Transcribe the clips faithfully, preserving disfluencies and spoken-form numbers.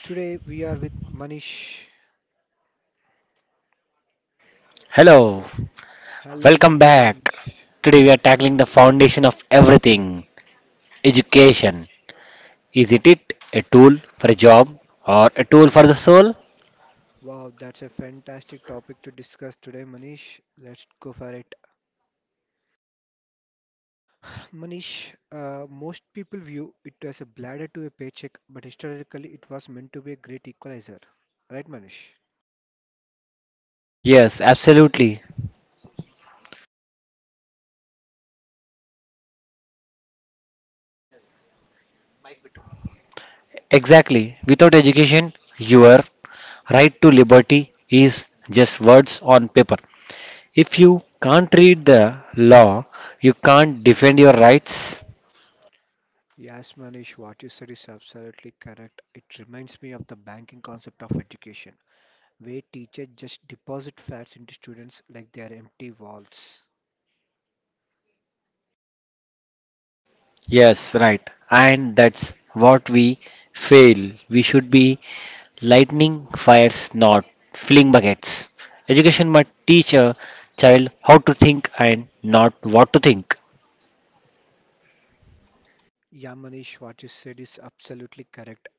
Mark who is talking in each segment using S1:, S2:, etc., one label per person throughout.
S1: Today we are with Manish.
S2: Hello,
S1: Hello
S2: welcome back.
S1: Manish.
S2: Today we are tackling the foundation of everything education. Isn't it a tool for a job or a tool for the soul?
S1: Wow, that's a fantastic topic to discuss today, Manish. Let's go for it. Manish, uh, most people view it as a bladder to a paycheck, but historically it was meant to be a great equalizer. Right, Manish?
S2: Yes, absolutely. Exactly. Without education, your right to liberty is just words on paper. If you can't read the law, you can't defend your rights.
S1: Yes, Manish, what you said is absolutely correct. It reminds me of the banking concept of education, where teachers just deposit facts into students like they are empty vaults.
S2: Yes, right. And that's what we fail. We should be lightning fires, not fling buckets. Education must teach a child how to think and not what to think.
S1: Yeah, Manish, what you said is absolutely correct.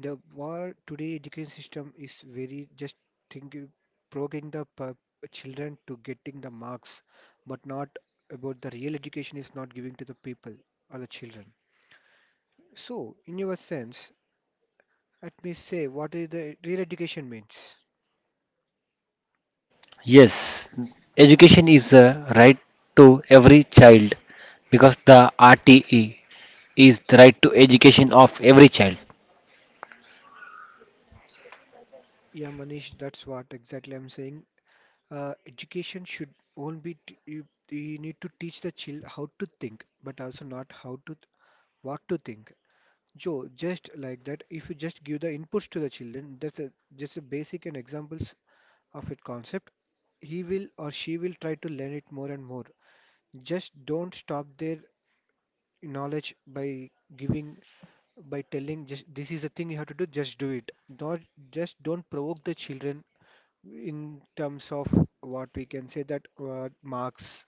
S1: The war today education system is very just thinking, progging the pu- children to getting the marks, but not about the real education is not giving to the people or the children. So, in your sense, let me say what is the real education means.
S2: Yes, education is a right to every child because the R T E is the right to education of every child.
S1: Yeah, Manish, that's what exactly I'm saying. Uh, education should only be t- you, you need to teach the child how to think, but also not how to th- what to think. Joe, just like that, if you just give the inputs to the children, that's a, just a basic and examples of it concept, he will or she will try to learn it more and more. Just don't stop their knowledge by giving, by telling just this is the thing you have to do, just do it. Not just don't provoke the children in terms of what we can say that uh, marks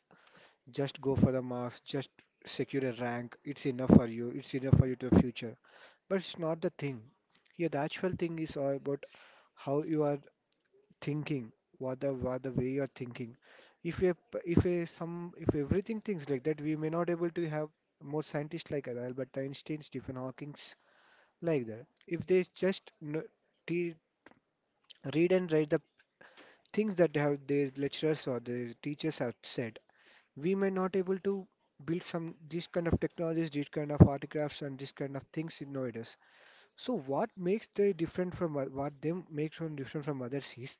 S1: just go for the marks, just secure a rank. It's enough for you. It's enough for you to the future. But it's not the thing. Here, the actual thing is all about how you are thinking, what the what the way you are thinking. If you if a, some if everything thinks like that, we may not able to have more scientists like Albert Einstein, Stephen Hawking's like that. If they just kn- te- read and write the things that they have their lecturers or their teachers have said, we may not able to build some these kind of technologies, these kind of artifacts and these kind of things in nowadays. So what makes they different from o- what them makes them different from others is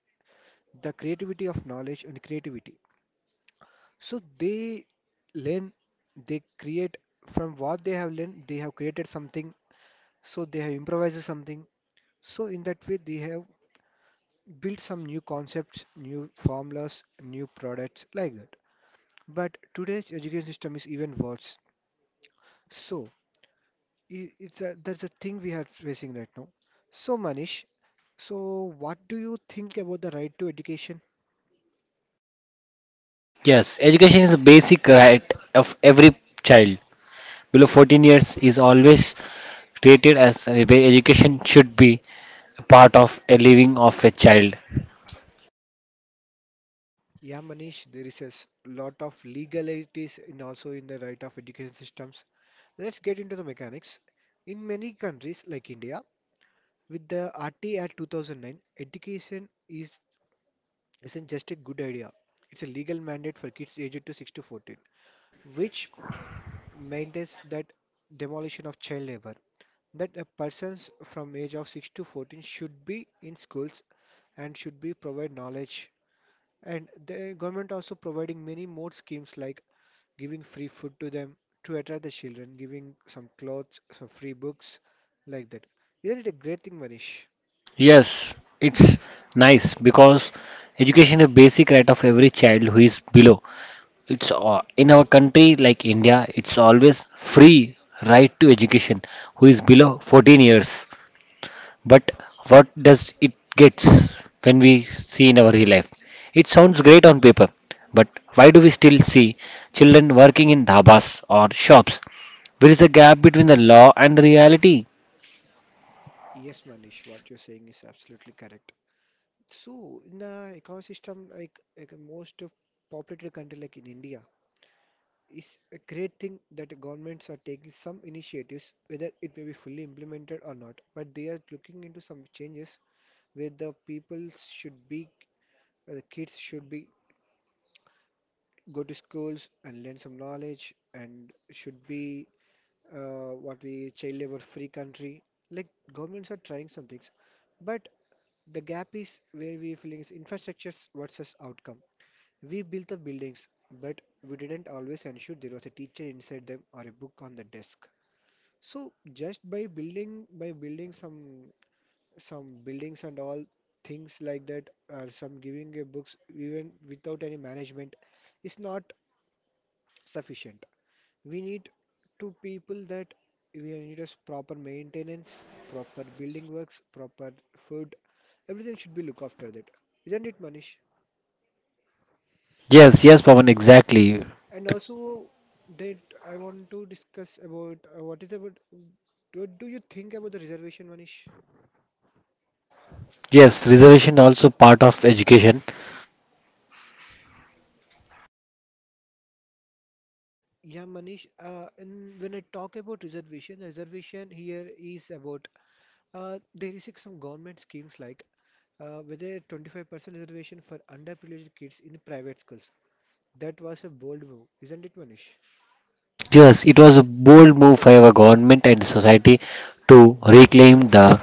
S1: the creativity of knowledge and creativity. So they learn, they create from what they have learned, they have created something, so they have improvised something. So in that way they have built some new concepts, new formulas, new products like that. But today's education system is even worse. So i- It's a, that's a thing we are facing right now. So, Manish, so what do you think about the right to education?
S2: Yes, education is a basic right of every child. below fourteen years is always treated as where education should be a part of a living of a child.
S1: Yeah, Manish, there is a s- lot of legalities in also in the right of education systems. Let's get into the mechanics. In many countries like India, with the R T Act two thousand nine, education is isn't just a good idea. It's a legal mandate for kids aged to six to fourteen, which mandates that demolition of child labor, that a persons from age of six to fourteen should be in schools and should be provide knowledge, and the government also providing many more schemes like giving free food to them, to attract the children giving some clothes, some free books like that. Isn't it a great thing, Manish?
S2: Yes, it's nice because education is a basic right of every child who is below. It's uh, in our country like India, it's always free right to education who is below fourteen years. But what does it gets when we see in our real life? It sounds great on paper, but why do we still see children working in dhabas or shops? There is a gap between the law and the reality.
S1: Yes, Manish, what you're saying is absolutely correct. So in the ecosystem like, like a most populated country like in India, is a great thing that governments are taking some initiatives, whether it may be fully implemented or not, but they are looking into some changes where the people should be, uh, the kids should be go to schools and learn some knowledge and should be uh, what we child labor free country. Like governments are trying some things, but the gap is where we feeling is infrastructures versus outcome. We built the buildings, but we didn't always ensure there was a teacher inside them or a book on the desk. So just by building by building some some buildings and all things like that or some giving a books even without any management is not sufficient. We need to people that we need us proper maintenance, proper building works, proper food. Everything should be looked after that. Isn't it, Manish?
S2: Yes, yes, Pawan, exactly.
S1: And also that I want to discuss about uh, what is about what do you think about the reservation, Manish?
S2: Yes, reservation also part of education.
S1: Yeah, Manish, uh, and when I talk about reservation, reservation here is about uh, there is like some government schemes like uh, whether twenty-five percent reservation for underprivileged kids in private schools. That was a bold move, isn't it, Manish?
S2: Yes, it was a bold move by our government and society to reclaim the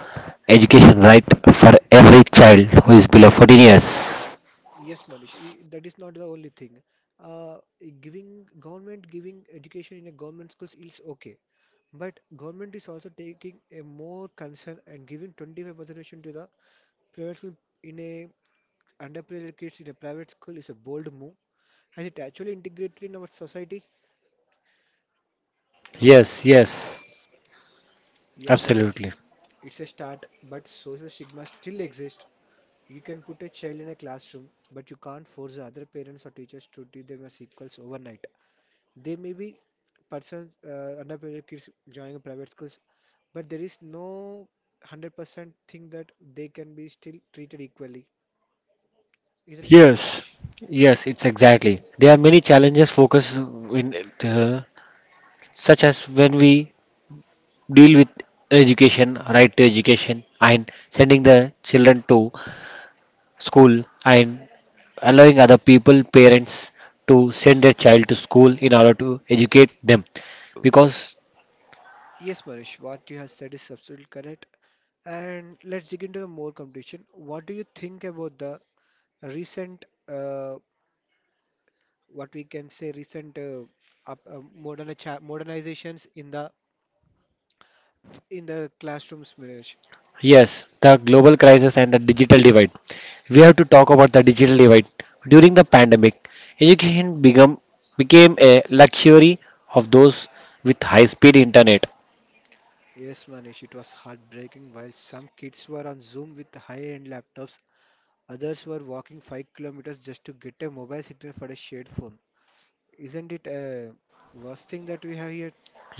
S2: education right for every child who is below fourteen years.
S1: Yes, Manish, i- that is not the only thing. Uh, Giving government giving education in a government schools is okay, but government is also taking a more concern and giving twenty-five percent reservation to the private school in a underprivileged kids in a private school is a bold move. Has it actually integrated in our society?
S2: Yes, yes,
S1: Yeah, man, it's
S2: absolutely.
S1: it's a start, but social stigma still exists. You can put a child in a classroom, but you can't force the other parents or teachers to treat them as equals overnight. There may be persons, uh, underprivileged kids joining private schools, but there is no one hundred percent thing that they can be still treated equally. Isn't it,
S2: Yes,
S1: Katmanish?
S2: yes, it's exactly. There are many challenges focused in it, uh, such as when we deal with education, right to education, and sending the children to school and allowing other people, parents, to send their child to school in order to educate them, because
S1: Yes, Manish, what you have said is absolutely correct. And let's dig into more competition. What do you think about the recent, uh, what we can say, recent uh, up, uh, modernicha- modernizations in the in the classrooms, Manish?
S2: Yes, the global crisis and the digital divide. We have to talk about the digital divide. During the pandemic, education become, became a luxury of those with high speed internet.
S1: Yes, Manish, it was heartbreaking. While some kids were on Zoom with high-end laptops, others were walking five kilometers just to get a mobile signal for a shared phone. Isn't it a worst thing that we have here?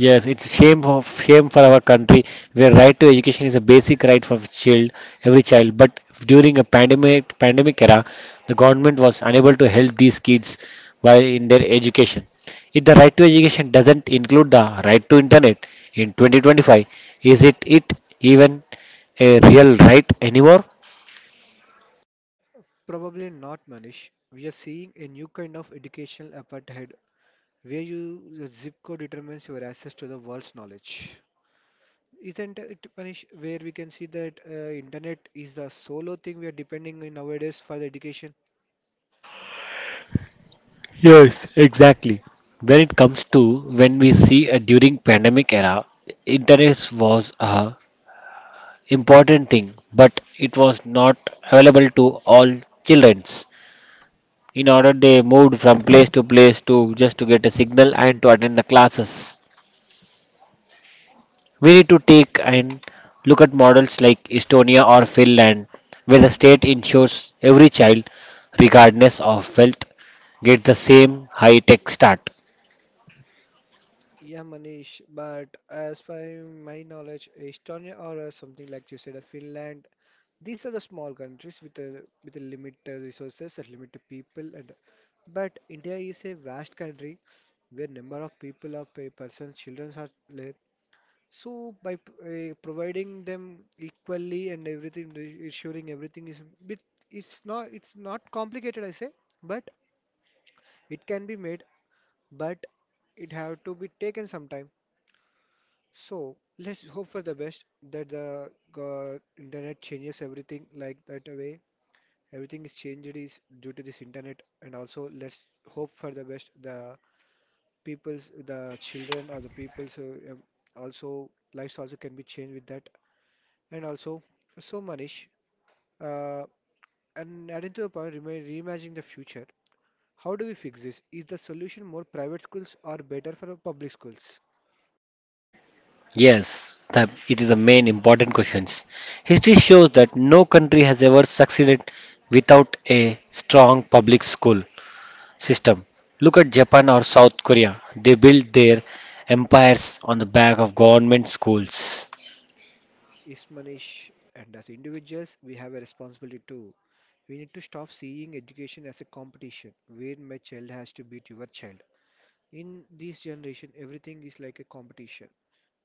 S2: Yes, it's shame of shame for our country where right to education is a basic right for child, every child. But during a pandemic pandemic era, the government was unable to help these kids while in their education. If the right to education doesn't include the right to internet in twenty twenty-five, is it it even a real right anymore?
S1: Probably not, Manish. We are seeing a new kind of educational apartheid where you the zip code determines your access to the world's knowledge. Isn't it, Manish, where we can see that uh, internet is the solo thing we are depending on nowadays for the education?
S2: Yes, exactly. When it comes to when we see a during pandemic era, internet was a important thing, but it was not available to all childrens. In order, they moved from place to place to just to get a signal and to attend the classes. We need to take and look at models like Estonia or Finland, where the state ensures every child, regardless of wealth, get the same high-tech start.
S1: Yeah, Manish, but as per my knowledge, Estonia or uh, something like you said, uh, Finland, these are the small countries with a with a limited resources and limited people. And but India is a vast country where number of people of per person, children are less. So by p- uh, providing them equally and everything, re- ensuring everything is bit, it's not it's not complicated, I say, but it can be made, but it have to be taken sometime, so let's hope for the best that the go- internet changes everything like that way. Everything is changed is due to this internet, and also let's hope for the best. The people's, the children or the people's uh, um, also lives also can be changed with that. And also, so Manish, uh, and adding to the point, remi- reimagining the future. How do we fix this? Is the solution more private schools or better for our public schools?
S2: Yes, the, it is the main important questions. History shows that no country has ever succeeded without a strong public school. system. Look at Japan or South Korea. They built their empires on the back of government schools.
S1: Is Manish and as individuals, we have a responsibility too. We need to stop seeing education as a competition where my child has to beat your child. In this generation, everything is like a competition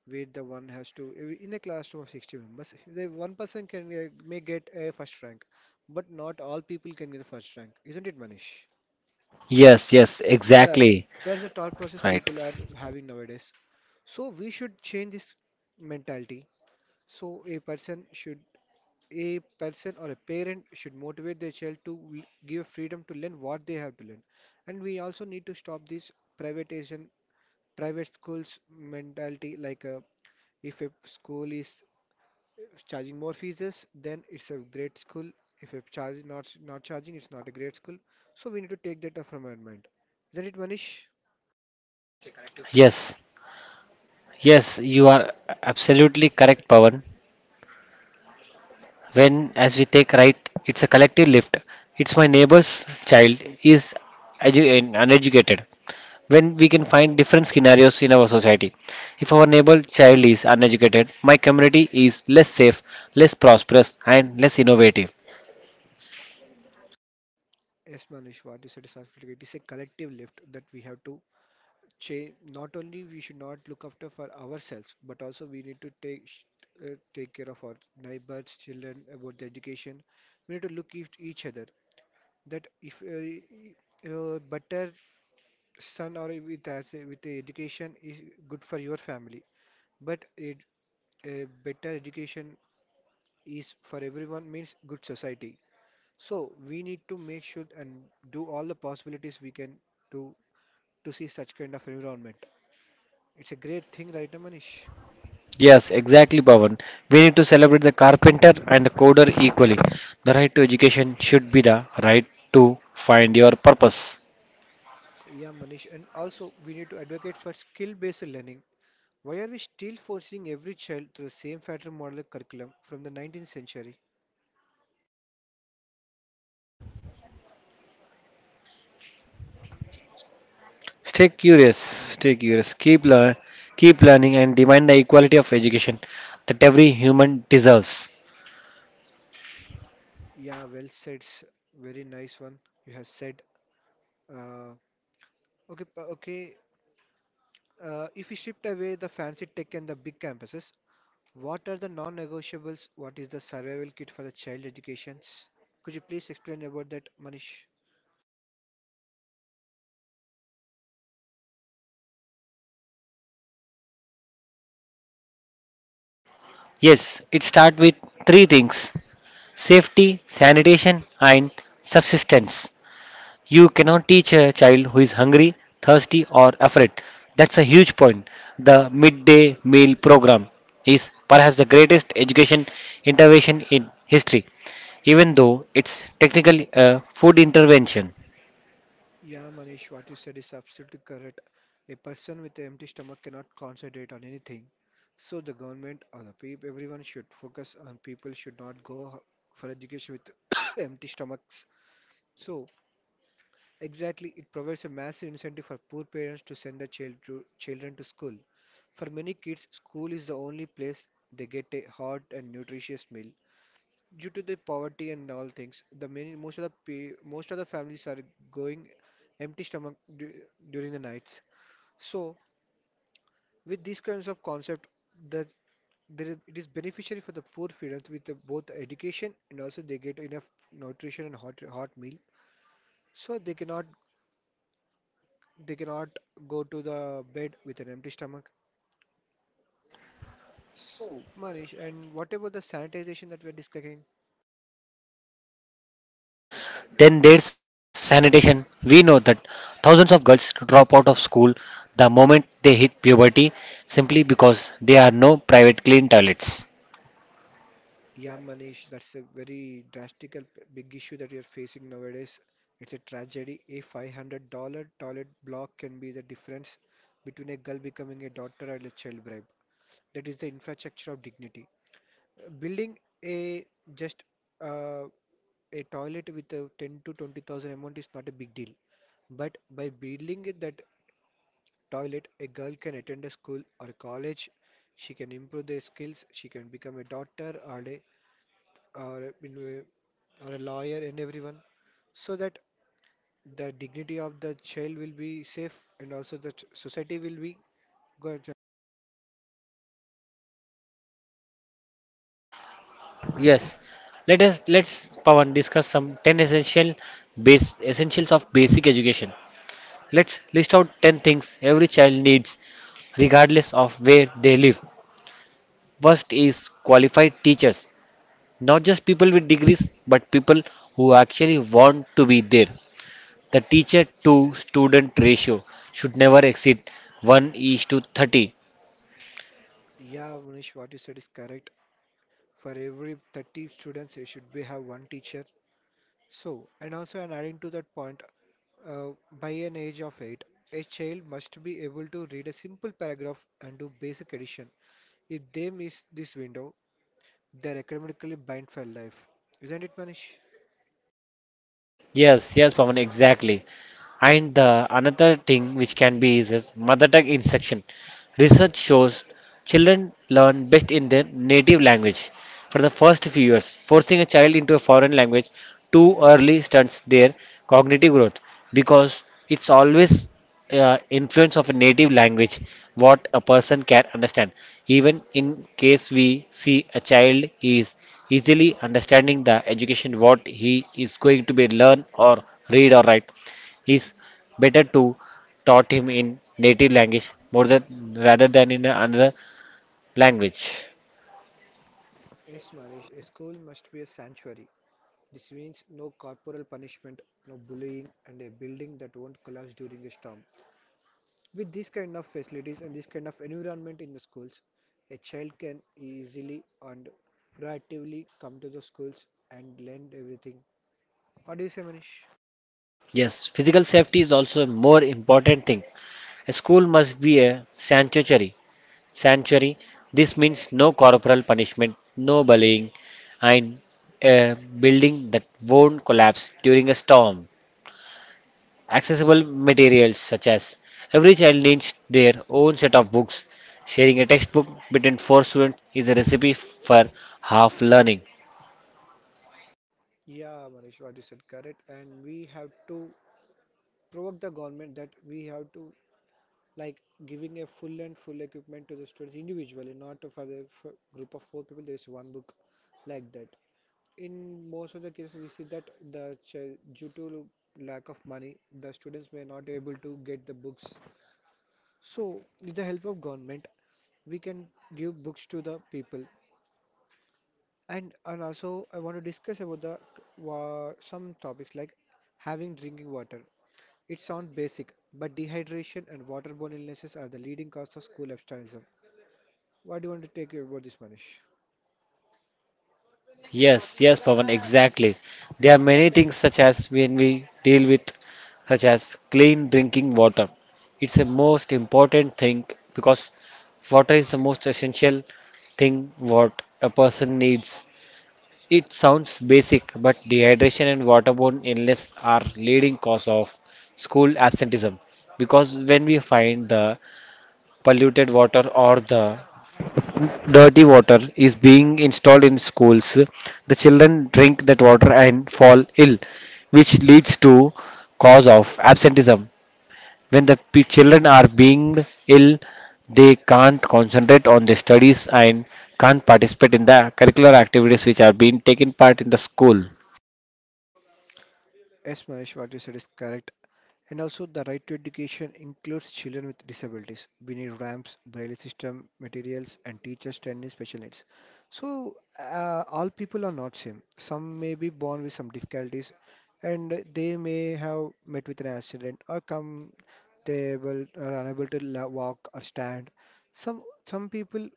S1: where the one has to, in a classroom of sixty members, the one person can uh, may get a first rank, but not all people can get a first rank. Isn't it, Manish?
S2: Yes, yes,
S1: Yeah,
S2: exactly.
S1: that's the thought process
S2: Right.
S1: people are having nowadays. So we should change this mentality. So a person should a person or a parent should motivate their child to l- give freedom to learn what they have to learn, and we also need to stop this privatization private schools mentality like uh, if a school is charging more fees, then it's a great school. If a charge not not charging, it's not a great school. So we need to take that up from our mind. Isn't it, Manish?
S2: Yes, yes, you are absolutely correct, Pawan. When, as we take right, it's a collective lift. It's my neighbor's child is edu- and uneducated. When we can find different scenarios in our society. If our neighbor child is uneducated, my community is less safe, less prosperous, and less innovative.
S1: Yes, Manish, what you said is absolutely, it is a collective lift that we have to change. Not only we should not look after for ourselves, but also we need to take sh- uh, take care of our neighbors children about the education. We need to look at each other that if uh, uh, better son or with as with the education is good for your family, but it a better education is for everyone means good society. So we need to make sure and do all the possibilities we can to to see such kind of environment. It's a great thing right now, Manish.
S2: Yes, exactly, Pawan. We need to celebrate the carpenter and the coder equally. The right to education should be the right to find your purpose.
S1: Yeah, Manish, and also we need to advocate for skill-based learning. Why are we still forcing every child through the same pattern model curriculum from the nineteenth century?
S2: Stay curious, stay curious. Keep learn, keep learning, and demand the equality of education that every human deserves.
S1: Yeah, well said. s- Very nice one you have said. Uh, okay, p- okay. Uh, if we shift away the fancy tech and the big campuses, what are the non-negotiables? What is the survival kit for the child educations? Could you please explain about that, Manish?
S2: Yes, it starts with three things: safety, sanitation, and subsistence. You cannot teach a child who is hungry, thirsty, or afraid. That's a huge point. The midday meal program is perhaps the greatest education intervention in history, even though it's technically a food intervention.
S1: Yeah, Manish, what you said is absolutely correct. A person with an empty stomach cannot concentrate on anything. So the government or the people, everyone should focus on people should not go for education with empty stomachs. So exactly, it provides a massive incentive for poor parents to send their child to, children to school. For many kids, school is the only place they get a hot and nutritious meal due to the poverty and all things, the many most of the pe most of the families are going empty stomach du during the nights. So, with these kinds of concept, that there is- it is beneficiary for the poor feeders with the, both education, and also they get enough nutrition and hot hot meal, so they cannot they cannot go to the bed with an empty stomach. So, Manish, and what about the sanitization that we are discussing?
S2: Then there's sanitation. We know that thousands of girls drop out of school the moment they hit puberty simply because there are no private clean toilets.
S1: Yeah, Manish, that's a very drastic, big issue that you're facing nowadays. It's a tragedy. A five hundred dollars toilet block can be the difference between a girl becoming a daughter and a child bride. That is the infrastructure of dignity. Uh, Building a just uh, a toilet with a ten to twenty thousand amount is not a big deal. But by building it that toilet, a girl can attend a school or a college. She can improve their skills. She can become a doctor or a or in a, or a lawyer and everyone, so that the dignity of the child will be safe, and also the ch- society will be good.
S2: Yes, let us let's Pawan discuss some ten essential base essentials of basic education. Let's list out ten things every child needs regardless of where they live. First is qualified teachers, not just people with degrees but people who actually want to be there. The teacher to student ratio should never exceed one is to thirty.
S1: Yeah, Manish, what you said is correct. For every thirty students you should be have one teacher. So, and also, and adding to that point, uh, by an age of eight a child must be able to read a simple paragraph and do basic addition. If they miss this window, they're academically blind for life. Isn't it, Manish?
S2: Yes, yes, Pawan, exactly. And the another thing which can be is, is mother tongue in section. Research shows children learn best in their native language for the first few years. Forcing a child into a foreign language too early stunts their cognitive growth because it's always uh, influence of a native language what a person can understand. Even in case we see a child is easily understanding the education what he is going to be learn or read or write it's better to taught him in native language more than rather than in another language.
S1: Yes, Manish, a school must be a sanctuary. This means no corporal punishment, no bullying, and a building that won't collapse during a storm. With these kind of facilities and this kind of environment in the schools, a child can easily and proactively come to the schools and learn everything. What do you say, Manish?
S2: Yes, physical safety is also a more important thing. A school must be a sanctuary. Sanctuary. This means no corporal punishment, no bullying, and a building that won't collapse during a storm. Accessible materials such as every child needs their own set of books. Sharing a textbook between four students is a recipe for half learning.
S1: Yeah, Manish, what you said correct. And we have to provoke the government that we have to, like, giving a full and full equipment to the students individually, not for the for group of four people. There is one book like that. In most of the cases we see that the ch- due to lack of money the students may not able to get the books, so with the help of government we can give books to the people. And and also I want to discuss about the uh, some topics like having drinking water. It sounds basic, but dehydration and waterborne illnesses are the leading cause of school absenteeism. What do you want to take about this, Manish?
S2: Yes, yes, Pavan, exactly. There are many things such as when we deal with, such as clean drinking water. It's the most important thing because water is the most essential thing what a person needs It sounds basic, but dehydration and waterborne illness are leading cause of school absenteeism because when we find the polluted water or the dirty water is being installed in schools, the children drink that water and fall ill, which leads to cause of absenteeism when the p- children are being ill, they can't concentrate on their studies and can't participate in the curricular activities which are being taken part in the school.
S1: Yes, Manish, what you said is correct. And also, the right to education includes children with disabilities. We need ramps, braille system, materials, and teachers training special needs. So, uh, all people are not same. Some may be born with some difficulties, and they may have met with an accident, or come they will are unable to la- walk or stand. Some some people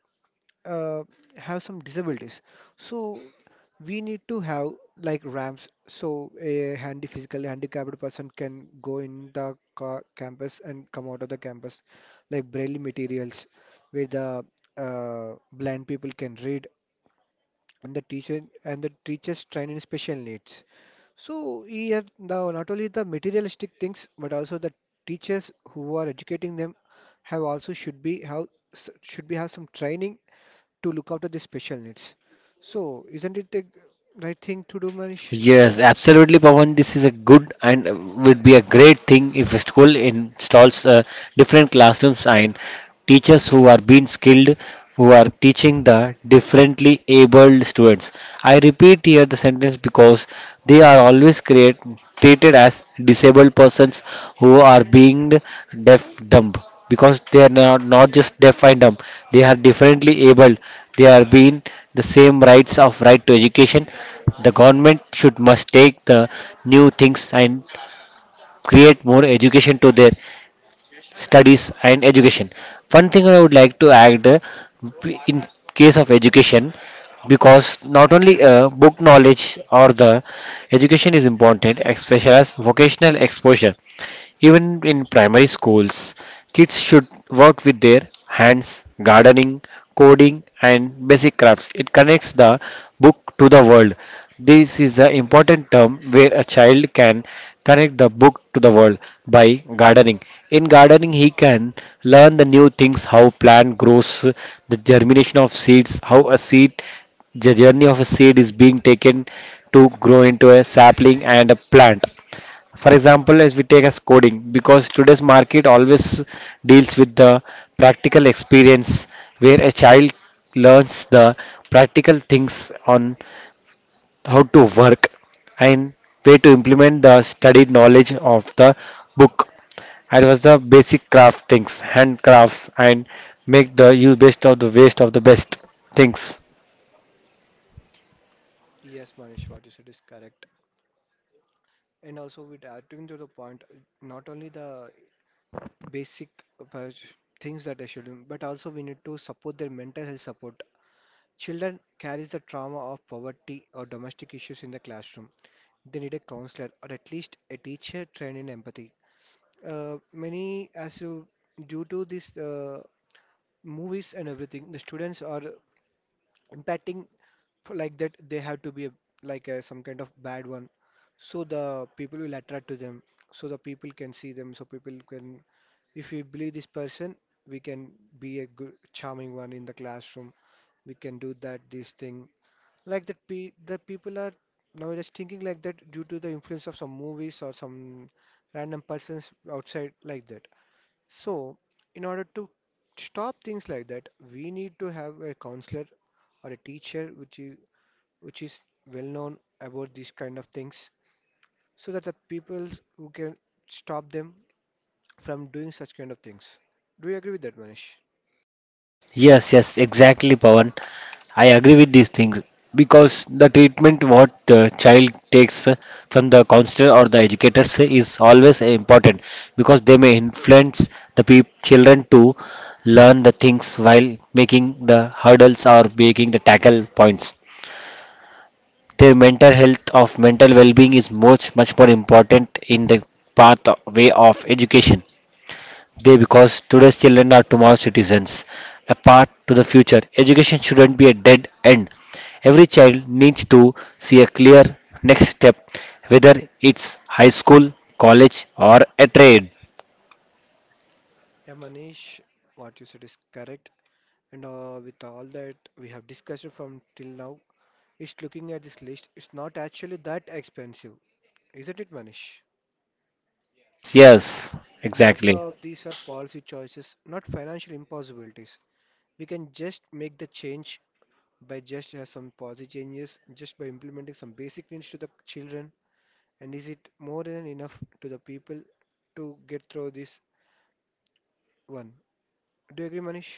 S1: uh, have some disabilities, so we need to have like ramps, so a handy physically handicapped person can go in the ca- campus and come out of the campus, like braille materials where the uh, blind people can read, and the teacher and the teachers train in special needs. So here now, not only the materialistic things but also the teachers who are educating them have also should be have s- should be have some training to look after the special needs. So, isn't it the right thing to do, Manish?
S2: Yes, absolutely, Pawan. This is a good and uh, would be a great thing if a school installs uh, different classrooms and teachers who are being skilled, who are teaching the differently abled students. I repeat here the sentence because they are always create, treated as disabled persons who are being deaf dumb because they are not, not just deaf and dumb they are differently able they are being the same rights of right to education the government should must take the new things and create more education to their studies and education. One thing I would like to add uh, in case of education, because not only uh, book knowledge or the education is important, especially as vocational exposure. Even in primary schools, kids should work with their hands, gardening, coding, and basic crafts. It connects the book to the world. This is the important term where a child can connect the book to the world by gardening. In gardening, he can learn the new things how plant grows, the germination of seeds, how a seed the journey of a seed is being taken to grow into a sapling and a plant. For example, as we take as coding, because today's market always deals with the practical experience where a child learns the practical things on how to work and way to implement the studied knowledge of the book. It was the basic craft things, handcrafts, and make the use best of the waste of the best things.
S1: Yes, Manish, what you said is correct. And also, with adding to the point, not only the basic uh, things that they should do, but also we need to support their mental health support. Children carries the trauma of poverty or domestic issues in the classroom. They need a counselor or at least a teacher trained in empathy. Uh, many, as you, due to this uh, movies and everything, the students are impacting for, like that, they have to be a, like a, some kind of bad one, so the people will attract to them, so the people can see them, so people can, if we believe this person, we can be a good charming one in the classroom. We can do that this thing, like that, pe the people are nowadays thinking like that due to the influence of some movies or some random persons outside, like that. So, in order to stop things like that, we need to have a counselor or a teacher which is which is well known about these kind of things, so that the people who can stop them from doing such kind of things. Do you agree with that, Manish?
S2: Yes, yes, exactly, Pawan. I agree with these things because the treatment what the child takes uh, from the counselor or the educators is always important because they may influence the peop children to learn the things while making the hurdles or making the tackle points. Their mental health of mental well-being is much much more important in the path way of education they because today's children are tomorrow's citizens. A path to the future. Education shouldn't be a dead end. Every child needs to see a clear next step, whether it's high school, college, or a trade.
S1: Yeah, Manish, what you said is correct. And uh, with all that we have discussed from till now, it's looking at this list, it's not actually that expensive, isn't it, Manish?
S2: Yes, yes,
S1: Most
S2: exactly.
S1: of these are policy choices, not financial impossibilities. We can just make the change by just uh, some policy changes, just by implementing some basic needs to the children. And is it more than enough to the people to get through this one? Do you agree, Manish?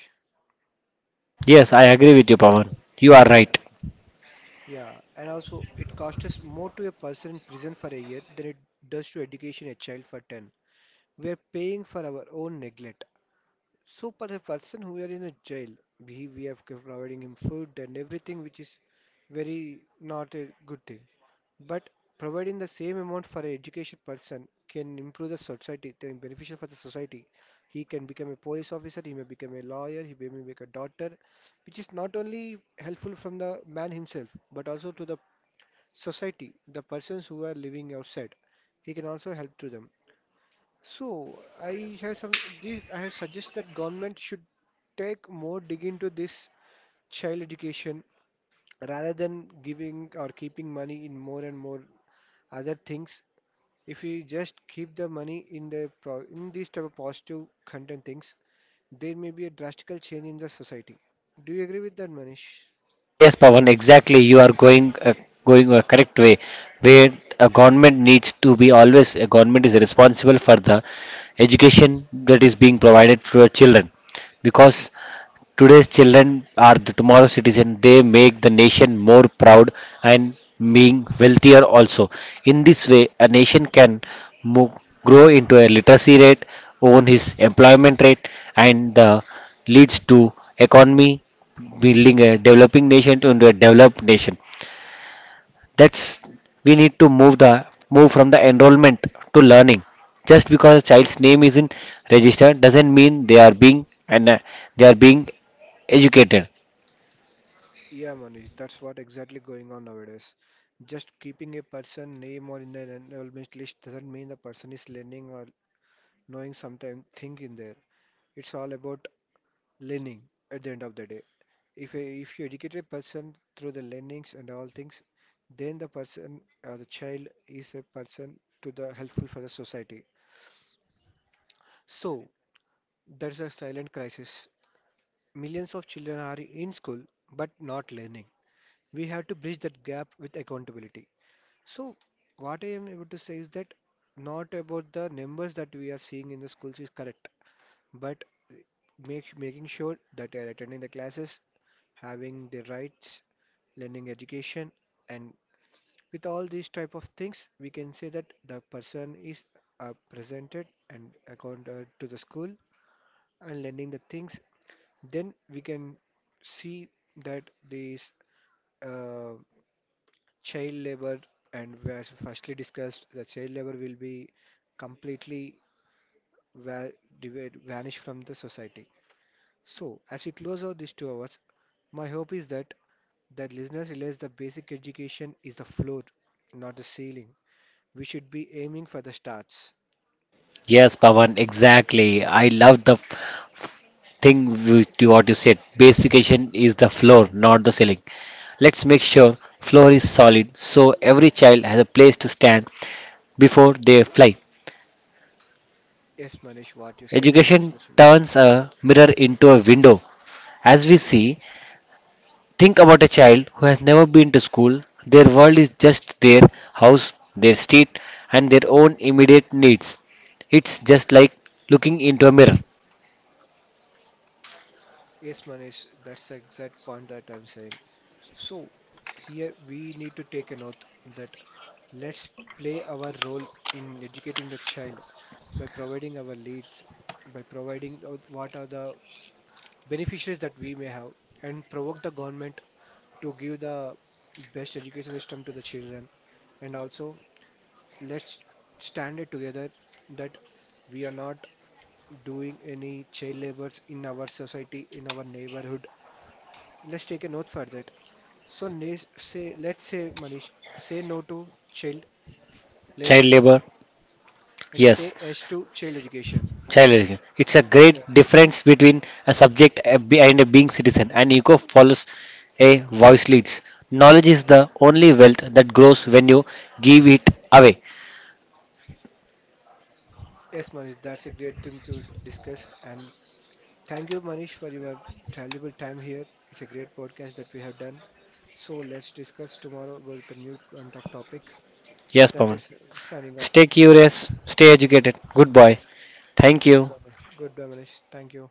S2: Yes, I agree with you, Pawan. You are
S1: Yeah.
S2: right.
S1: Yeah, and also, it costs us more to a person in prison for a year than it does to education a child for ten. We are paying for our own neglect. So for the person who are in a jail, we we have kept providing him food and everything, which is very not a good thing. But providing the same amount for an education person can improve the society, then beneficial for the society. He can become a police officer, he may become a lawyer, he may become a doctor, which is not only helpful from the man himself, but also to the society, the persons who are living outside. He can also help to them. So I have some, this I have suggest that government should take more dig into this child education, rather than giving or keeping money in more and more other things. If we just keep the money in the pro in these type of positive content things, there may be a drastical change in the society. Do you agree with that, Manish?
S2: Yes, Pawan, exactly. You are going uh, going a correct way, where a government needs to be always a government is responsible for the education that is being provided to our children, because today's children are the tomorrow's citizen. They make the nation more proud and being wealthier also. In this way, a nation can move, grow into a literacy rate, own his employment rate, and uh, leads to economy building a developing nation to into a developed nation. That's we need to move the move from the enrollment to learning. Just because a child's name isn't registered doesn't mean they are being and uh, they are being educated.
S1: Yeah, Manish, that's what exactly going on nowadays. Just keeping a person name or in an enrollment list doesn't mean the person is learning or knowing sometimes think in there. It's all about learning at the end of the day. If a, if you educate a person through the learnings and all things, then the person or the child is a person to the helpful for the society. So that's a silent crisis. Millions of children are in school but not learning. We have to bridge that gap with accountability. So what I am able to say is that, not about the numbers that we are seeing in the schools is correct, but make, making sure that they are attending the classes, having the rights, learning education, and with all these type of things, we can say that the person is uh, presented and accounted to the school and learning the things. Then we can see that these uh, child labor, and as firstly discussed, the child labor will be completely va- div- vanish from the society. So, as we close out these two hours, my hope is that that listeners realize that basic education is the floor, not the ceiling. We should be aiming for the stars.
S2: Yes, Pawan, exactly. I love the f- thing with you- what you said. Basic education is the floor, not the ceiling. Let's make sure floor is solid so every child has a place to stand before they fly.
S1: Yes, Manish, what you said is
S2: Education
S1: absolutely right.
S2: turns a mirror into a window. As we see, think about a child who has never been to school. Their world is just their house, their street, and their own immediate needs. It's just like looking into a mirror.
S1: Yes, Manish, that's the exact point that I'm saying. So, here we need to take an oath that let's play our role in educating the child by providing our leads, by providing out what are the beneficiaries that we may have, and provoke the government to give the best education system to the children. And also let's stand it together that we are not doing any child labors in our society, in our neighborhood. Let's take a note for that. So ne- say, let's say, Manish, say no to child
S2: Child
S1: labor,
S2: labor,
S1: and say
S2: yes,
S1: yes to child education.
S2: child labor. It's a great
S1: Yeah.
S2: difference between a subject a be- and a being citizen, and ego follows a voice leads. Knowledge is the only wealth that grows when you give it away.
S1: Yes, Manish, that's a great thing to s- discuss. And thank you, Manish, for your valuable time here. It's a great podcast that we have done. So let's discuss tomorrow about the new kind of topic.
S2: Yes,
S1: That's
S2: Pawan.
S1: it. Signing off.
S2: Stay curious, stay educated. Good boy. Thank you.
S1: Goodbye, Man- goodbye, Manish. Thank you.